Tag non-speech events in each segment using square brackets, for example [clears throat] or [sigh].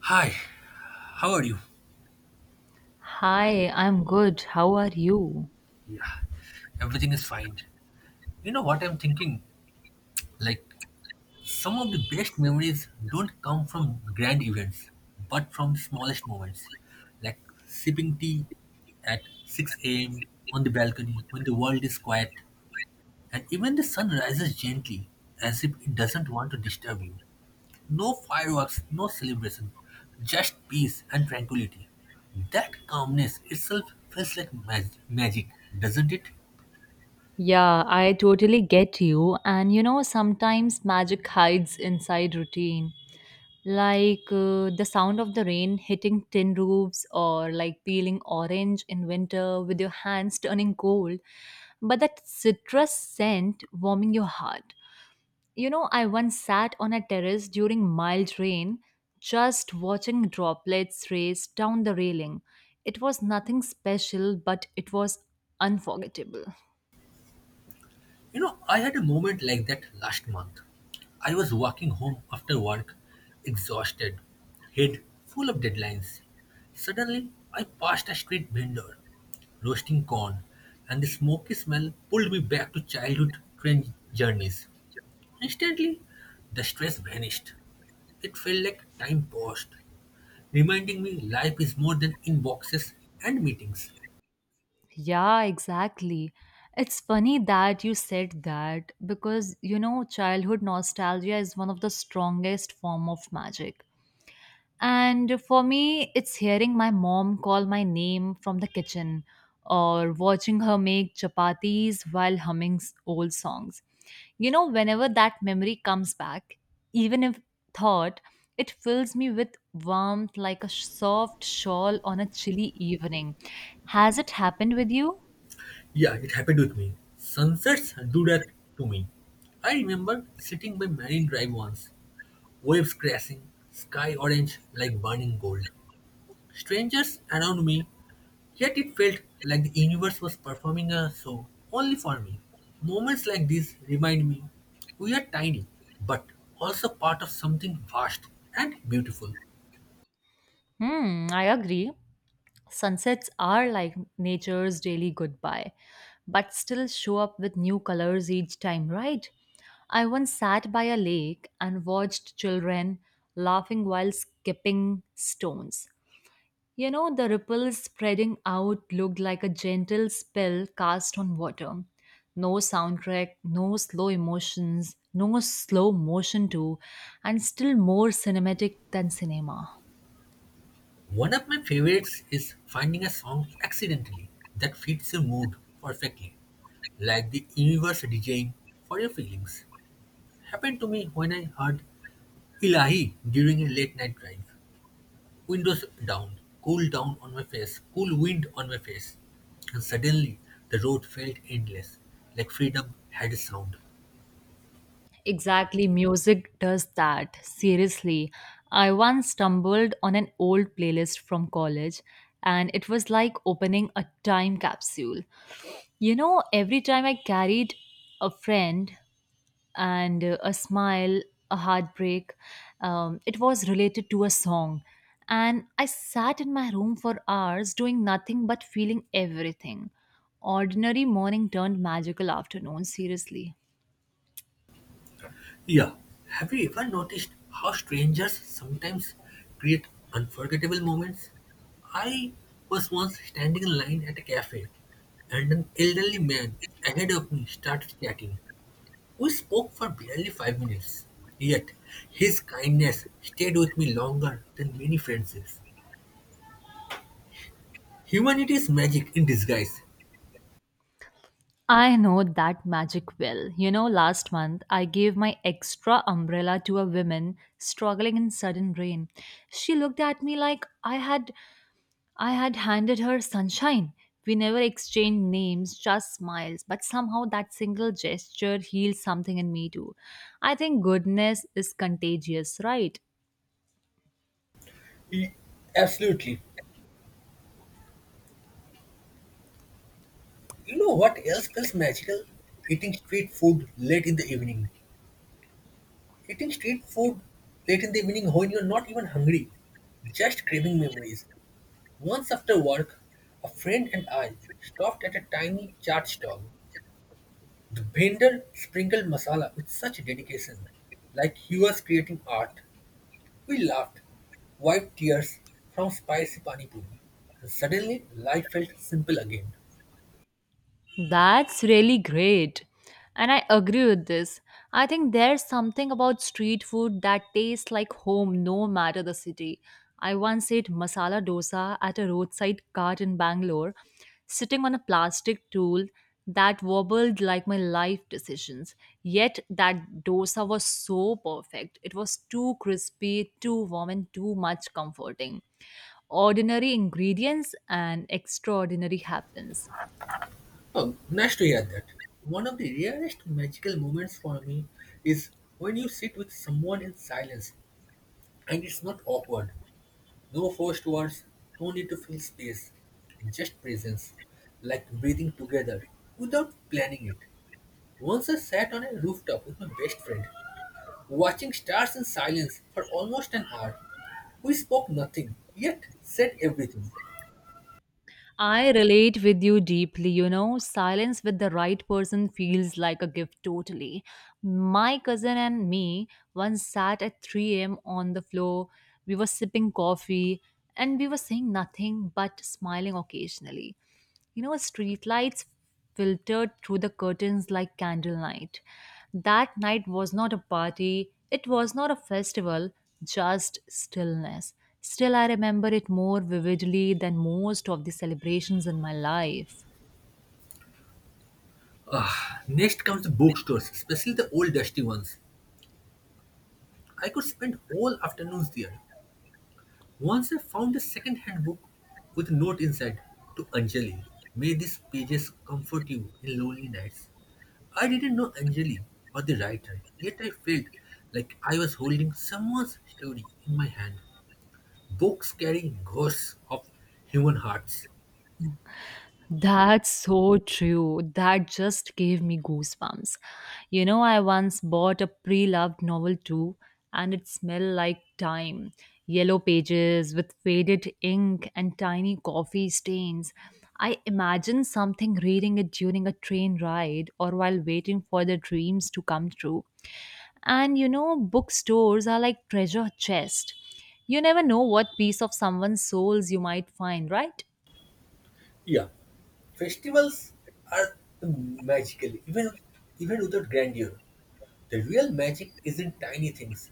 Hi, how are you? Hi, I'm good. How are you? Yeah, everything is fine. You know what I'm thinking? Like, some of the best memories don't come from grand events, but from the smallest moments. Like sipping tea at 6 a.m. on the balcony when the world is quiet, and even the sun rises gently as if it doesn't want to disturb you. No fireworks, no celebration, just peace and tranquility. That calmness itself feels like magic, doesn't it? Yeah, I totally get you. And you know, sometimes magic hides inside routine, like the sound of the rain hitting tin roofs or like peeling orange in winter with your hands turning cold, but that citrus scent warming your heart. You know, I once sat on a terrace during mild rain, just watching droplets race down the railing. It was nothing special, but it was unforgettable. You know, I had a moment like that last month. I was walking home after work, exhausted, head full of deadlines. Suddenly, I passed a street vendor roasting corn, and the smoky smell pulled me back to childhood train journeys. Instantly, the stress vanished. It felt like time paused, reminding me life is more than inboxes and meetings. Yeah, exactly. It's funny that you said that because you know, childhood nostalgia is one of the strongest form of magic. And for me, it's hearing my mom call my name from the kitchen or watching her make chapatis while humming old songs. You know, whenever that memory comes back, even if thought, it fills me with warmth like a soft shawl on a chilly evening. Has it happened with you? Yeah, it happened with me. Sunsets do that to me. I remember sitting by Marine Drive once, waves crashing, sky orange like burning gold. Strangers around me, yet it felt like the universe was performing a show only for me. Moments like these remind me we are tiny, but also part of something vast and beautiful. Hmm, I agree. Sunsets are like nature's daily goodbye, but still show up with new colors each time, right? I once sat by a lake and watched children laughing while skipping stones. You know, the ripples spreading out looked like a gentle spell cast on water. No soundtrack, no slow emotions, no slow motion too, and still more cinematic than cinema. One of my favorites is finding a song accidentally that fits your mood perfectly. Like the universe DJing for your feelings. Happened to me when I heard Ilahi during a late night drive. Windows down, cool down on my face, cool wind on my face. And suddenly the road felt endless, like freedom had a sound. Exactly, music does that. Seriously, I once stumbled on an old playlist from college, and it was like opening a time capsule. You know, every time I carried a friend and a smile, a heartbreak, it was related to a song. And I sat in my room for hours doing nothing but feeling everything. Ordinary morning turned magical afternoon, seriously. Yeah, have you ever noticed how strangers sometimes create unforgettable moments? I was once standing in line at a cafe and an elderly man ahead of me started chatting. We spoke for barely 5 minutes, yet his kindness stayed with me longer than many friendships. Humanity is magic in disguise. I know that magic well. You know, last month I gave my extra umbrella to a woman struggling in sudden rain. She looked at me like I had handed her sunshine. We never exchanged names, just smiles, but somehow that single gesture healed something in me too. I think goodness is contagious, right? Y- Absolutely. You know what else feels magical? Eating street food late in the evening. Eating street food late in the evening when you're not even hungry. Just craving memories. Once after work, a friend and I stopped at a tiny chaat stall. The vendor sprinkled masala with such dedication, like he was creating art. We laughed, wiped tears from spicy pani puri, and suddenly life felt simple again. That's really great. And I agree with this. I think there's something about street food that tastes like home no matter the city. I once ate masala dosa at a roadside cart in Bangalore, sitting on a plastic tool that wobbled like my life decisions. Yet that dosa was so perfect. It was too crispy, too warm, and too much comforting ordinary ingredients and extraordinary happens. Oh, nice to hear that. One of the rarest magical moments for me is when you sit with someone in silence and it's not awkward. No forced words, no need to fill space, just presence, like breathing together without planning it. Once I sat on a rooftop with my best friend watching stars in silence for almost an hour, we spoke nothing, yet said everything. I relate with you deeply, you know. Silence with the right person feels like a gift totally. My cousin and me once sat at 3 a.m. on the floor. We were sipping coffee and we were saying nothing but smiling occasionally. You know, streetlights filtered through the curtains like candlelight. That night was not a party, it was not a festival, just stillness. Still, I remember it more vividly than most of the celebrations in my life. Ah, next comes the bookstores, especially the old dusty ones. I could spend whole afternoons there. Once I found a second-hand book with a note inside to Anjali. May these pages comfort you in lonely nights. I didn't know Anjali or the writer, yet I felt like I was holding someone's story in my hand. Books carry ghosts of human hearts. That's so true. That just gave me goosebumps. You know, I once bought a pre loved novel too, and it smelled like time. Yellow pages with faded ink and tiny coffee stains. I imagine something reading it during a train ride or while waiting for the dreams to come true. And you know, bookstores are like treasure chest. You never know what piece of someone's souls you might find, right? Yeah, festivals are magical, even without grandeur. The real magic is in tiny things: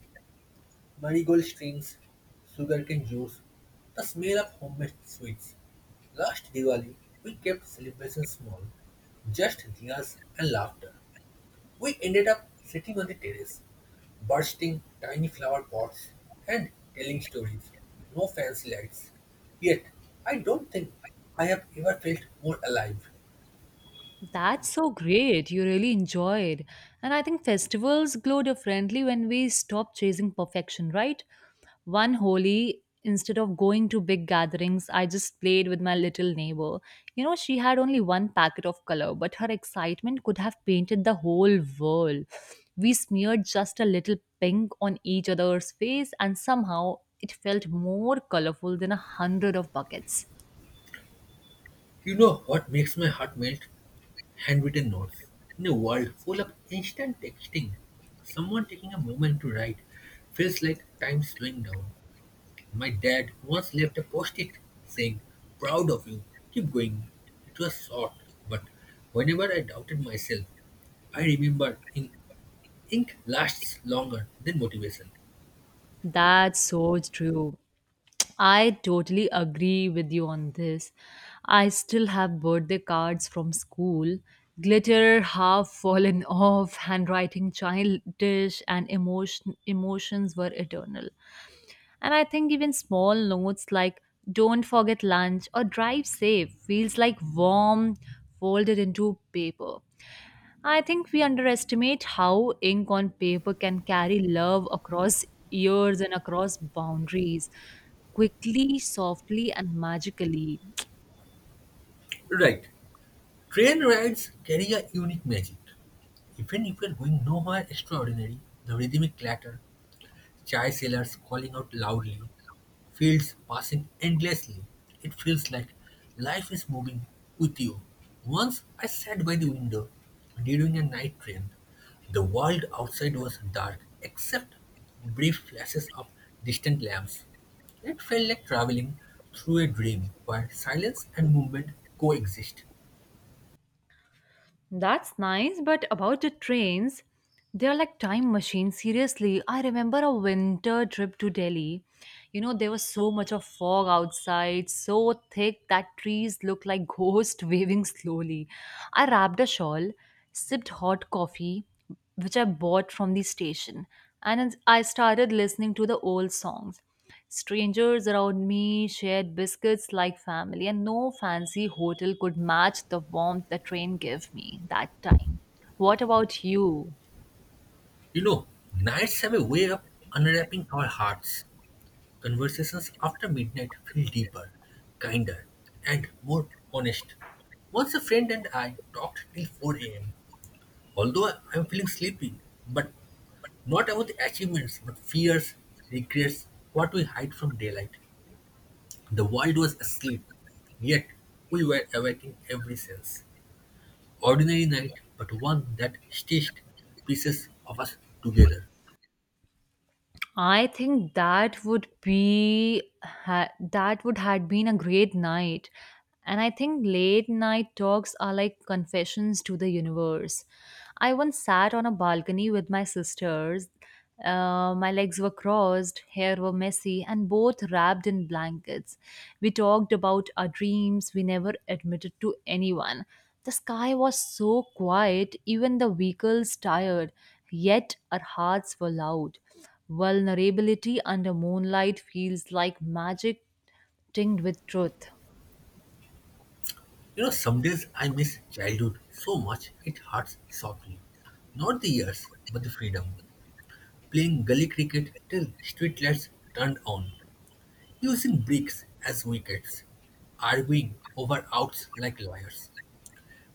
marigold strings, sugarcane juice, the smell of homemade sweets. Last Diwali, we kept celebrations small, just diyas and laughter. We ended up sitting on the terrace, bursting tiny flower pots and telling stories. No fancy lights. Yet, I don't think I have ever felt more alive. That's so great. You really enjoyed. And I think festivals glow differently when we stop chasing perfection, right? One Holi, instead of going to big gatherings, I just played with my little neighbor. You know, she had only one packet of color, but her excitement could have painted the whole world. We smeared just a little pink on each other's face, and somehow it felt more colorful than a hundred of buckets. You know what makes my heart melt? Handwritten notes. In a world full of instant texting, someone taking a moment to write feels like time slowing down. My dad once left a post it saying, "Proud of you, keep going." It was short, but whenever I doubted myself, I remember in ink lasts longer than motivation. That's so true. I totally agree with you on this. I still have birthday cards from school, glitter half fallen [laughs] off, handwriting childish, and emotions were eternal. And I think even small notes like "Don't forget lunch" or "Drive safe" feels like warm folded into paper. I think we underestimate how ink on paper can carry love across years and across boundaries quickly, softly, and magically. Right. Train rides carry a unique magic. Even if you're going nowhere extraordinary, the rhythmic clatter, chai sellers calling out loudly, fields passing endlessly. It feels like life is moving with you. Once I sat by the window during a night train. The world outside was dark except brief flashes of distant lamps. It felt like traveling through a dream where silence and movement coexist. That's nice, but about the trains, they're like time machines. Seriously, I remember a winter trip to Delhi. You know, there was so much of fog outside, so thick that trees looked like ghosts [laughs] waving slowly. I wrapped a shawl, sipped hot coffee, which I bought from the station, and I started listening to the old songs. Strangers around me shared biscuits like family, and no fancy hotel could match the warmth the train gave me that time. What about you? You know, nights have a way of unwrapping our hearts. Conversations after midnight feel deeper, kinder, and more honest. Once a friend and I talked till 4 a.m., although I am feeling sleepy, but not about achievements, but fears, regrets, what we hide from daylight. The world was asleep, yet we were awake in every sense. Ordinary night, but one that stitched pieces of us together. I think that would be that would had been a great night. And I think late night talks are like confessions to the universe. I once sat on a balcony with my sisters. My legs were crossed, hair were messy, and both wrapped in blankets. We talked about our dreams we never admitted to anyone. The sky was so quiet, even the vehicles tired, yet our hearts were loud. Vulnerability under moonlight feels like magic tinged with truth. You know, some days I miss childhood so much it hurts softly. Not the years, but the freedom. Playing gully cricket till street lights turned on, using bricks as wickets, arguing over outs like lawyers.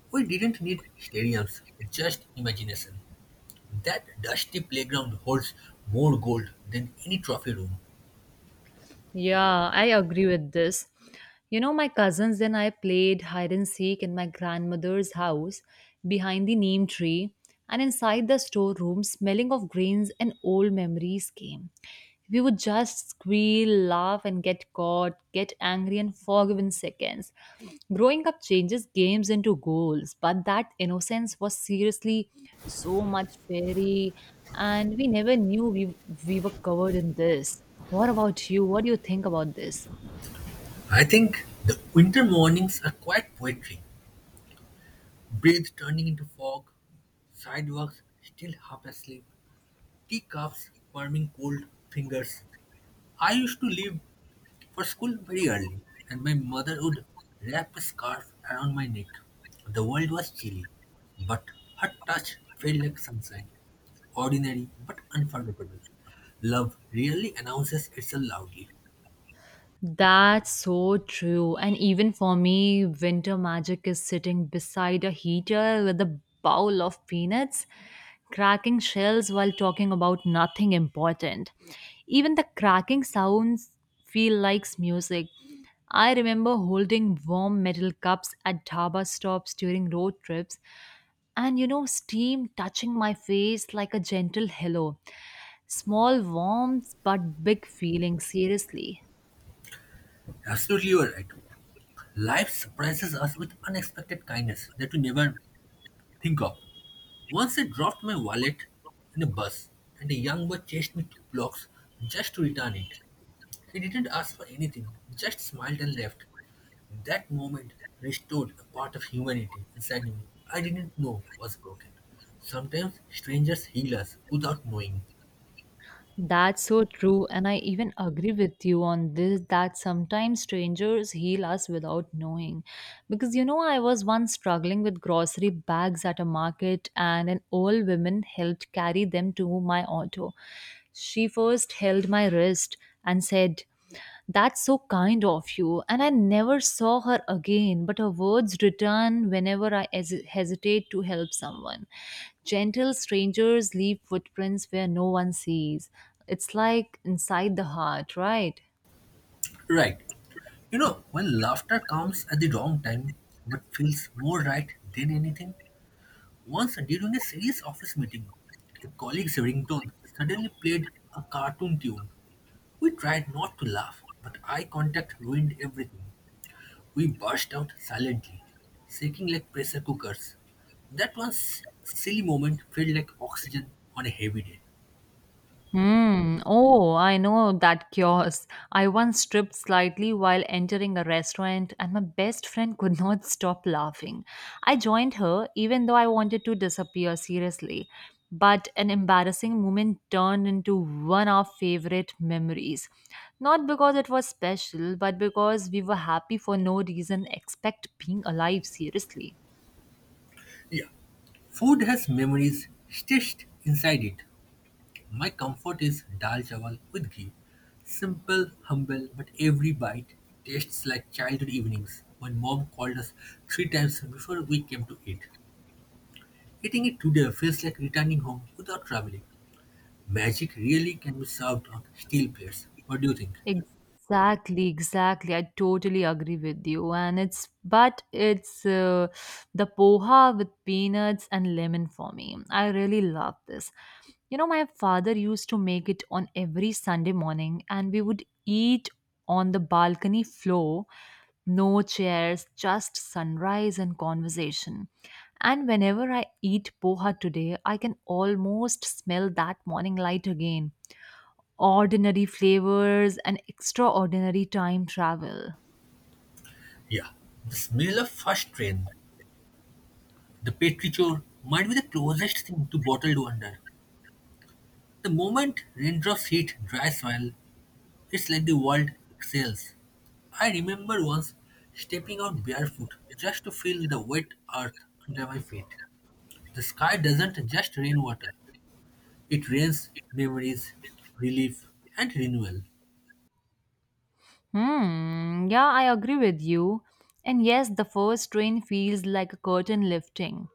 We didn't need stadiums, just imagination. That dusty playground holds more gold than any trophy room. Yeah, I agree with this. You know, my cousins and I played hide and seek in my grandmother's house behind the neem tree, and inside the storeroom, smelling of grains and old memories came. We would just squeal, laugh, and get caught, get angry, and forgive in seconds. Growing up changes games into goals, but that innocence was seriously so much fairy, and we never knew we were covered in this. What about you? What do you think about this? I think the winter mornings are quite poetry. Breath turning into fog, sidewalks still half asleep, teacups warming cold fingers. I used to leave for school very early, and my mother would wrap a scarf around my neck. The world was chilly, but her touch felt like sunshine. Ordinary but unforgettable. Love really announces itself loudly. That's so true. And even for me, winter magic is sitting beside a heater with a bowl of peanuts, cracking shells while talking about nothing important. Even the cracking sounds feel like music. I remember holding warm metal cups at dhaba stops during road trips, and you know, steam touching my face like a gentle hello. Small warmth but big feelings, seriously. Absolutely, you are right. Life surprises us with unexpected kindness that we never think of. Once I dropped my wallet in a bus, and a young boy chased me 2 blocks just to return it. He didn't ask for anything, just smiled and left. That moment restored a part of humanity inside me I didn't know was broken. Sometimes strangers heal us without knowing. That's so true, and I even agree with you on this that sometimes strangers heal us without knowing. Because you know, I was once struggling with grocery bags at a market, and an old woman helped carry them to my auto. She first held my wrist and said, That's so kind of you. And I never saw her again, but her words return whenever I hesitate to help someone. Gentle strangers leave footprints where no one sees. It's like inside the heart, right? Right. You know, when laughter comes at the wrong time but feels more right than anything, once during a serious office meeting, a colleague's ringtone suddenly played a cartoon tune. We tried not to laugh, but eye contact ruined everything. We burst out silently, shaking like pressure cookers. That one silly moment felt like oxygen on a heavy day. Hmm. Oh, I know that kiosk. I once tripped slightly while entering a restaurant, and my best friend could not stop laughing. I joined her, even though I wanted to disappear seriously. But an embarrassing moment turned into one of our favorite memories. Not because it was special, but because we were happy for no reason except being alive, seriously. Yeah, food has memories stitched inside it. My comfort is dal chawal with ghee. Simple, humble, but every bite tastes like childhood evenings when mom called us three times before we came to eat. Eating it today feels like returning home without traveling. Magic really can be served on steel plates. What do you think? Exactly, exactly. I totally agree with you. And it's, but it's The poha with peanuts and lemon for me. I really love this. You know, my father used to make it on every Sunday morning, and we would eat on the balcony floor, no chairs, just sunrise and conversation. And whenever I eat poha today, I can almost smell that morning light again ordinary flavors and extraordinary time travel. Yeah, the smell of first rain, the petrichor, might be the closest thing to bottled wonder. The moment raindrops hit dry soil, it's like the world exhales. I remember once stepping out barefoot just to feel the wet earth under my feet. The sky doesn't just rain water, it rains memories, relief, and renewal. Hmm, yeah, I agree with you. And yes, the first rain feels like a curtain lifting.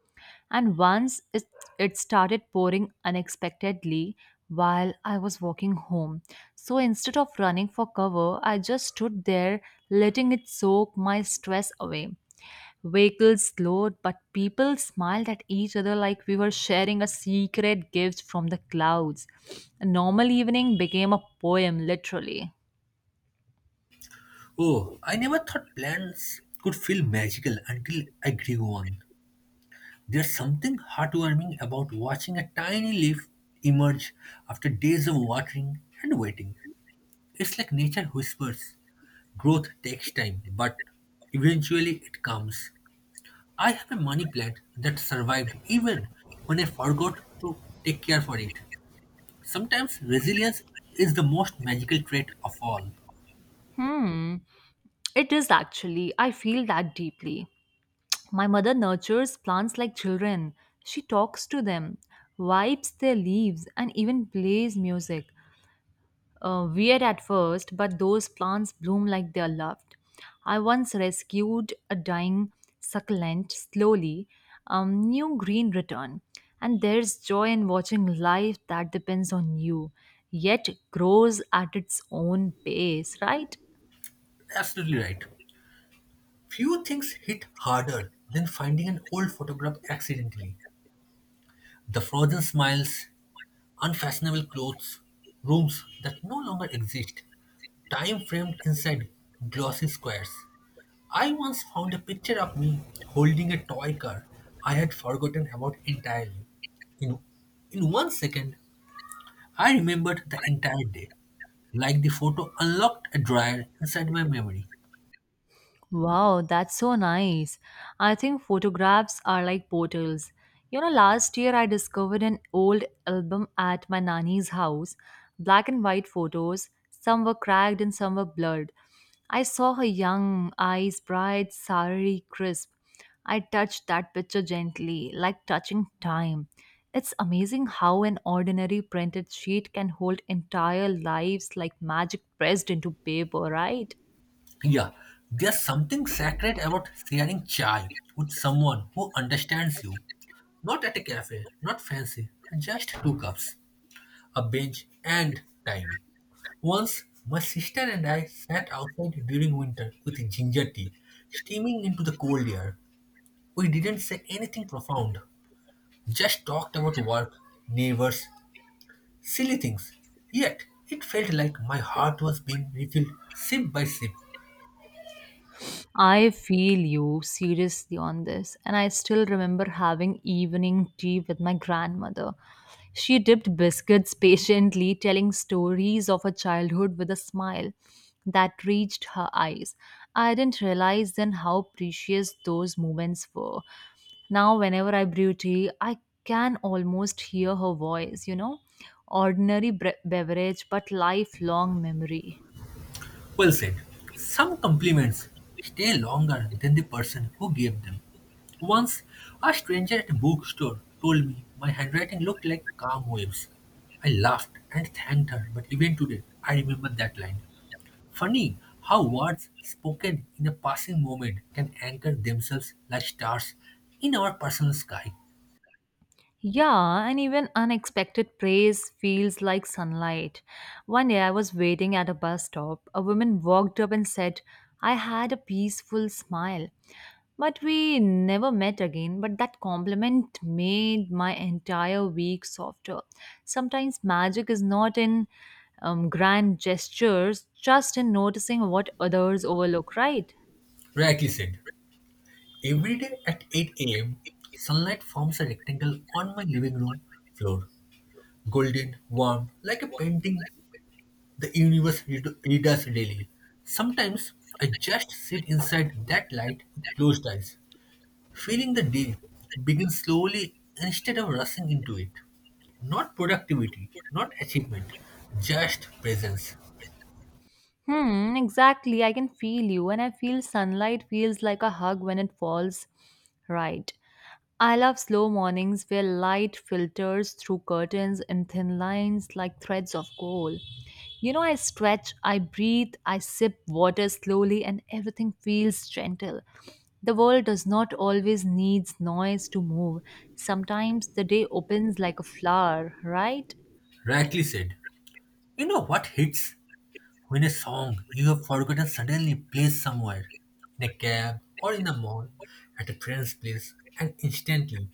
And it started pouring unexpectedly while I was walking home. So instead of running for cover, I just stood there letting it soak my stress away. Vehicles slowed, but people smiled at each other like we were sharing a secret gift from the clouds. A normal evening became a poem, literally. Oh, I never thought plants could feel magical until I grew one. There's something heartwarming about watching a tiny leaf emerge after days of watering and waiting. It's like nature whispers. Growth takes time, but eventually it comes. I have a money plant that survived even when I forgot to take care for it. Sometimes resilience is the most magical trait of all. Hmm, it is actually. I feel that deeply. My mother nurtures plants like children. She talks to them, wipes their leaves, and even plays music. Weird at first, but those plants bloom like they're loved. I once rescued a dying succulent slowly, new green return, and there's joy in watching life that depends on you, yet grows at its own pace, right? Absolutely right. Few things hit harder than finding an old photograph accidentally. The frozen smiles, unfashionable clothes, rooms that no longer exist, time framed inside glossy squares. I once found a picture of me holding a toy car I had forgotten about entirely. In, in 1 second, I remembered the entire day, like the photo unlocked a drawer inside my memory. Wow, that's so nice. I think photographs are like portals. You know, last year I discovered an old album at my nanny's house, black and white photos. Some were cracked and some were blurred. I saw her young, eyes bright, sari crisp. I touched that picture gently, like touching time. It's amazing how an ordinary printed sheet can hold entire lives like magic pressed into paper, right? Yeah, there's something sacred about sharing chai with someone who understands you. Not at a cafe, not fancy, just two cups, a bench, and time. Once, my sister and I sat outside during winter with ginger tea, steaming into the cold air. We didn't say anything profound, just talked about work, neighbors, silly things. Yet, it felt like my heart was being refilled sip by sip. I feel you seriously on this, and I still remember having evening tea with my grandmother. She dipped biscuits [laughs] patiently, telling stories of her childhood with a smile that reached her eyes. I didn't realize then how precious those moments were. Now, whenever I brew tea, I can almost hear her voice, you know? Ordinary beverage, but lifelong memory. Well said. Some compliments stay longer than the person who gave them. Once, a stranger at a bookstore told me my handwriting looked like calm waves. I laughed and thanked her, but even today, I remember that line. Funny how words spoken in a passing moment can anchor themselves like stars in our personal sky. Yeah, and even unexpected praise feels like sunlight. One day I was waiting at a bus stop. A woman walked up and said, I had a peaceful smile. But we never met again, but that compliment made my entire week softer. Sometimes magic is not in grand gestures, just in noticing what others overlook, right? Rightly said. Every day at 8 a.m., sunlight forms a rectangle on my living room floor, golden, warm, like a painting the universe redoes daily. Sometimes I just sit inside that light with closed eyes, feeling the day begin slowly instead of rushing into it. Not productivity, not achievement, just presence. Hmm, exactly. I can feel you, and I feel sunlight feels like a hug when it falls right. I love slow mornings where light filters through curtains in thin lines like threads of gold. You know, I stretch, I breathe, I sip water slowly, and everything feels gentle. The world does not always needs noise to move. Sometimes the day opens like a flower, right? Rightly said. You know what hits? When a song you have forgotten suddenly plays somewhere, in a cab or in a mall, at a friend's place, and instantly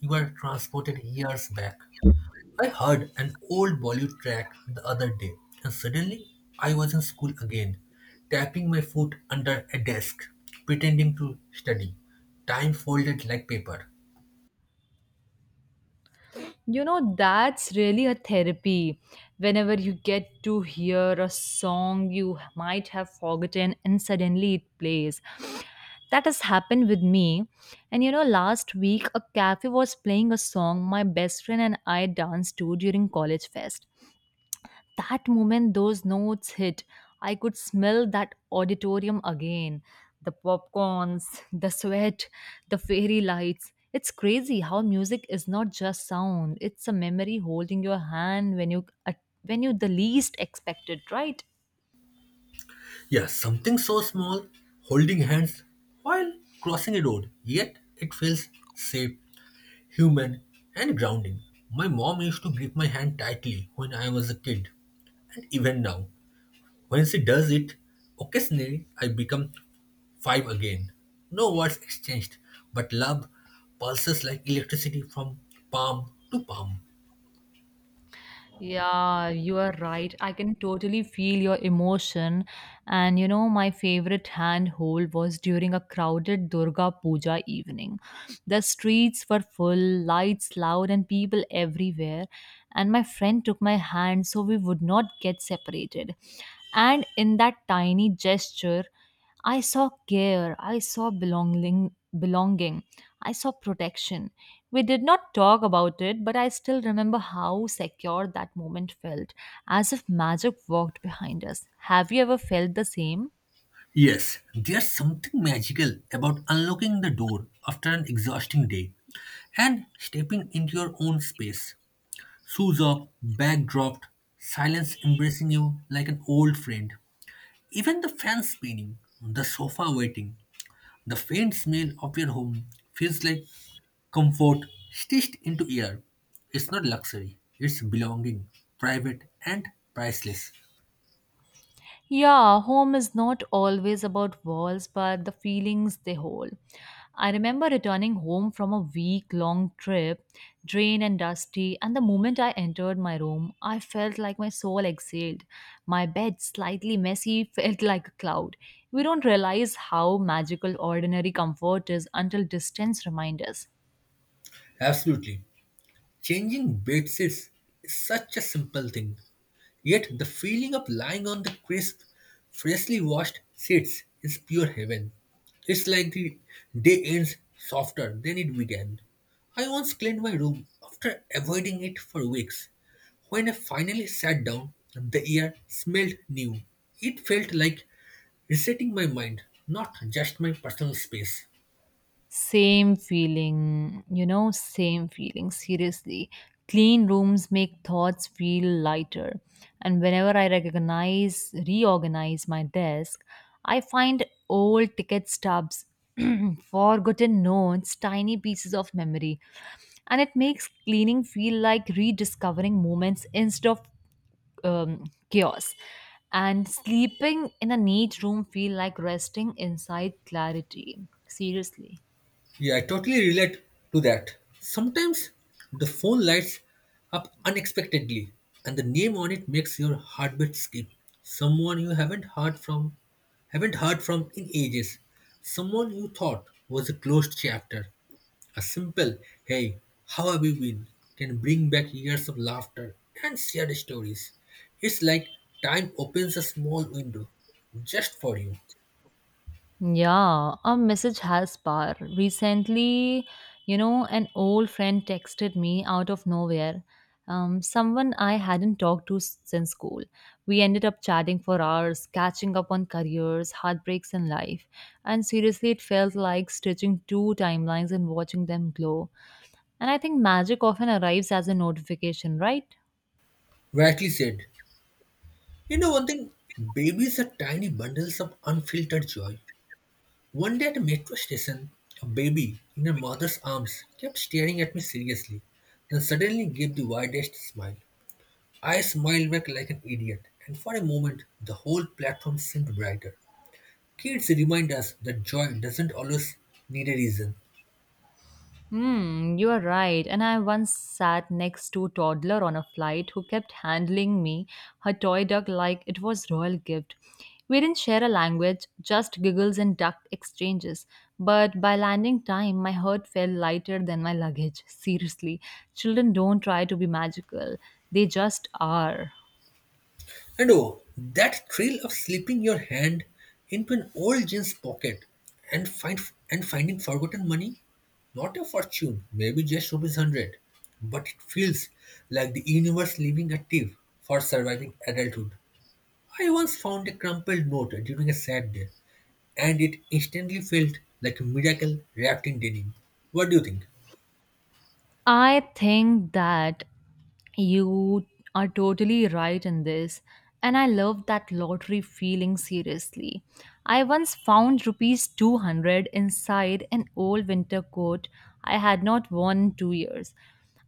you are transported years back. I heard an old Bollywood track the other day, and suddenly I was in school again, tapping my foot under a desk, pretending to study. Time folded like paper. You know, that's really a therapy. Whenever you get to hear a song you might have forgotten and suddenly it plays. That has happened with me. And you know, last week a cafe was playing a song my best friend and I danced to during college fest. That moment those notes hit, I could smell that auditorium again. The popcorns, [laughs] the sweat, the fairy lights. It's crazy how music is not just sound, it's a memory holding your hand when you the least expected, right? Yeah, something so small, holding hands while crossing a road, yet it feels safe, human, and grounding. My mom used to grip my hand tightly when I was a kid, and even now, when she does it, occasionally I become five again. No words exchanged, but love pulses like electricity from palm to palm. Yeah, you are right. I can totally feel your emotion. And you know, my favorite handhold was during a crowded Durga Puja evening. The streets were full, lights loud, and people everywhere. And my friend took my hand so we would not get separated. And in that tiny gesture, I saw care, I saw belonging, belonging, I saw protection. We did not talk about it, but I still remember how secure that moment felt, as if magic walked behind us. Have you ever felt the same? Yes, there's something magical about unlocking the door after an exhausting day and stepping into your own space. Shoes off, bag dropped, silence embracing you like an old friend. Even the fan spinning, the sofa waiting, the faint smell of your home feels like comfort stitched into air. It's not luxury, it's belonging, private and priceless. Yeah, home is not always about walls, but the feelings they hold. I remember returning home from a week long trip, drained and dusty, and the moment I entered my room, I felt like my soul exhaled. My bed, slightly messy, [laughs] felt like a cloud. We don't realize how magical ordinary comfort is until distance reminds us. Absolutely. Changing bedsheets is such a simple thing. Yet the feeling of lying on the crisp, freshly washed sheets is pure heaven. It's like the day ends softer than it began. I once cleaned my room after avoiding it for weeks. When I finally sat down, the air smelled new. It felt like resetting my mind, not just my personal space. Same feeling, you know, same feeling, seriously. Clean rooms make thoughts feel lighter. And whenever I recognize, reorganize my desk, I find old ticket stubs, [clears throat] forgotten notes, tiny pieces of memory. And it makes cleaning feel like rediscovering moments instead of um, chaos. And sleeping in a neat room feel like resting inside clarity. Seriously. Yeah, I totally relate to that. Sometimes the phone lights up unexpectedly and the name on it makes your heartbeat skip. Someone you haven't heard from in ages. Someone you thought was a closed chapter. A simple "hey, how have you been?" can bring back years of laughter and shared stories. It's like time opens a small window just for you. Yeah, a message has power. Recently, you know, an old friend texted me out of nowhere. Someone I hadn't talked to since school. We ended up chatting for hours, catching up on careers, heartbreaks, and life. And seriously, it felt like stitching two timelines and watching them glow. And I think magic often arrives as a notification, right? Rightly said. You know one thing, babies are tiny bundles of unfiltered joy. One day at a metro station, a baby in her mother's arms kept staring at me seriously, then suddenly gave the widest smile. I smiled back like an idiot, and for a moment the whole platform seemed brighter. Kids remind us that joy doesn't always need a reason. Hmm, you are right. And I once sat next to a toddler on a flight who kept handling me her toy duck like it was royal gift. We didn't share a language, just giggles and duck exchanges. But by landing time, my heart felt lighter than my luggage. [laughs] Seriously, children don't try to be magical; they just are. And oh, that thrill of slipping your hand into an old jeans pocket and find and finding forgotten money. Not a fortune, maybe just rupees hundred, but it feels like the universe leaving a tip for surviving adulthood. I once found a crumpled note during a sad day, and it instantly felt like a miracle wrapped in denim. What do you think? I think that you are totally right in this. And I love that lottery feeling seriously. I once found rupees 200 inside an old winter coat I had not worn in 2 years.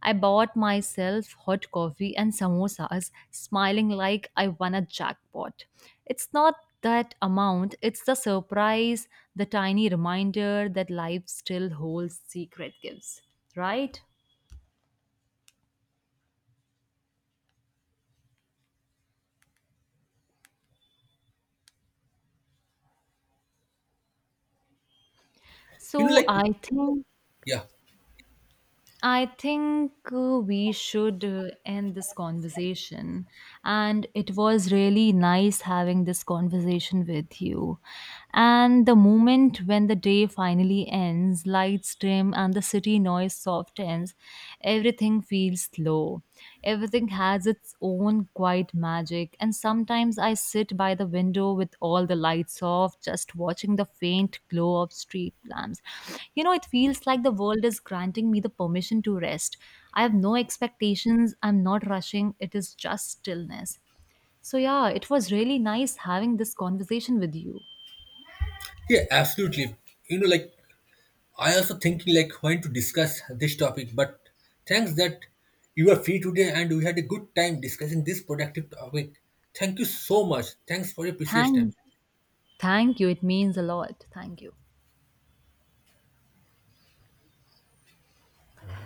I bought myself hot coffee and samosas, smiling like I won a jackpot. It's not that amount, it's the surprise, the tiny reminder that life still holds secret gifts, right? You know, So like yeah, I think We should end this conversation and it was really nice having this conversation with you. And the moment when the day finally ends, lights dim and the city noise softens, everything feels slow. Everything has its own quiet magic, and sometimes I sit by the window with all the lights off, just watching the faint glow of street lamps. You know, it feels like the world is granting me the permission to rest. I have no expectations, I'm not rushing, it is just stillness. So, yeah, it was really nice having this conversation with you. yeah, absolutely. Like I also thinking like when to discuss this topic, but thanks that you are free today and we had a good time discussing this productive topic. Thank you so much. Thanks for your precious Thank, time. Thank you. It means a lot. Thank you.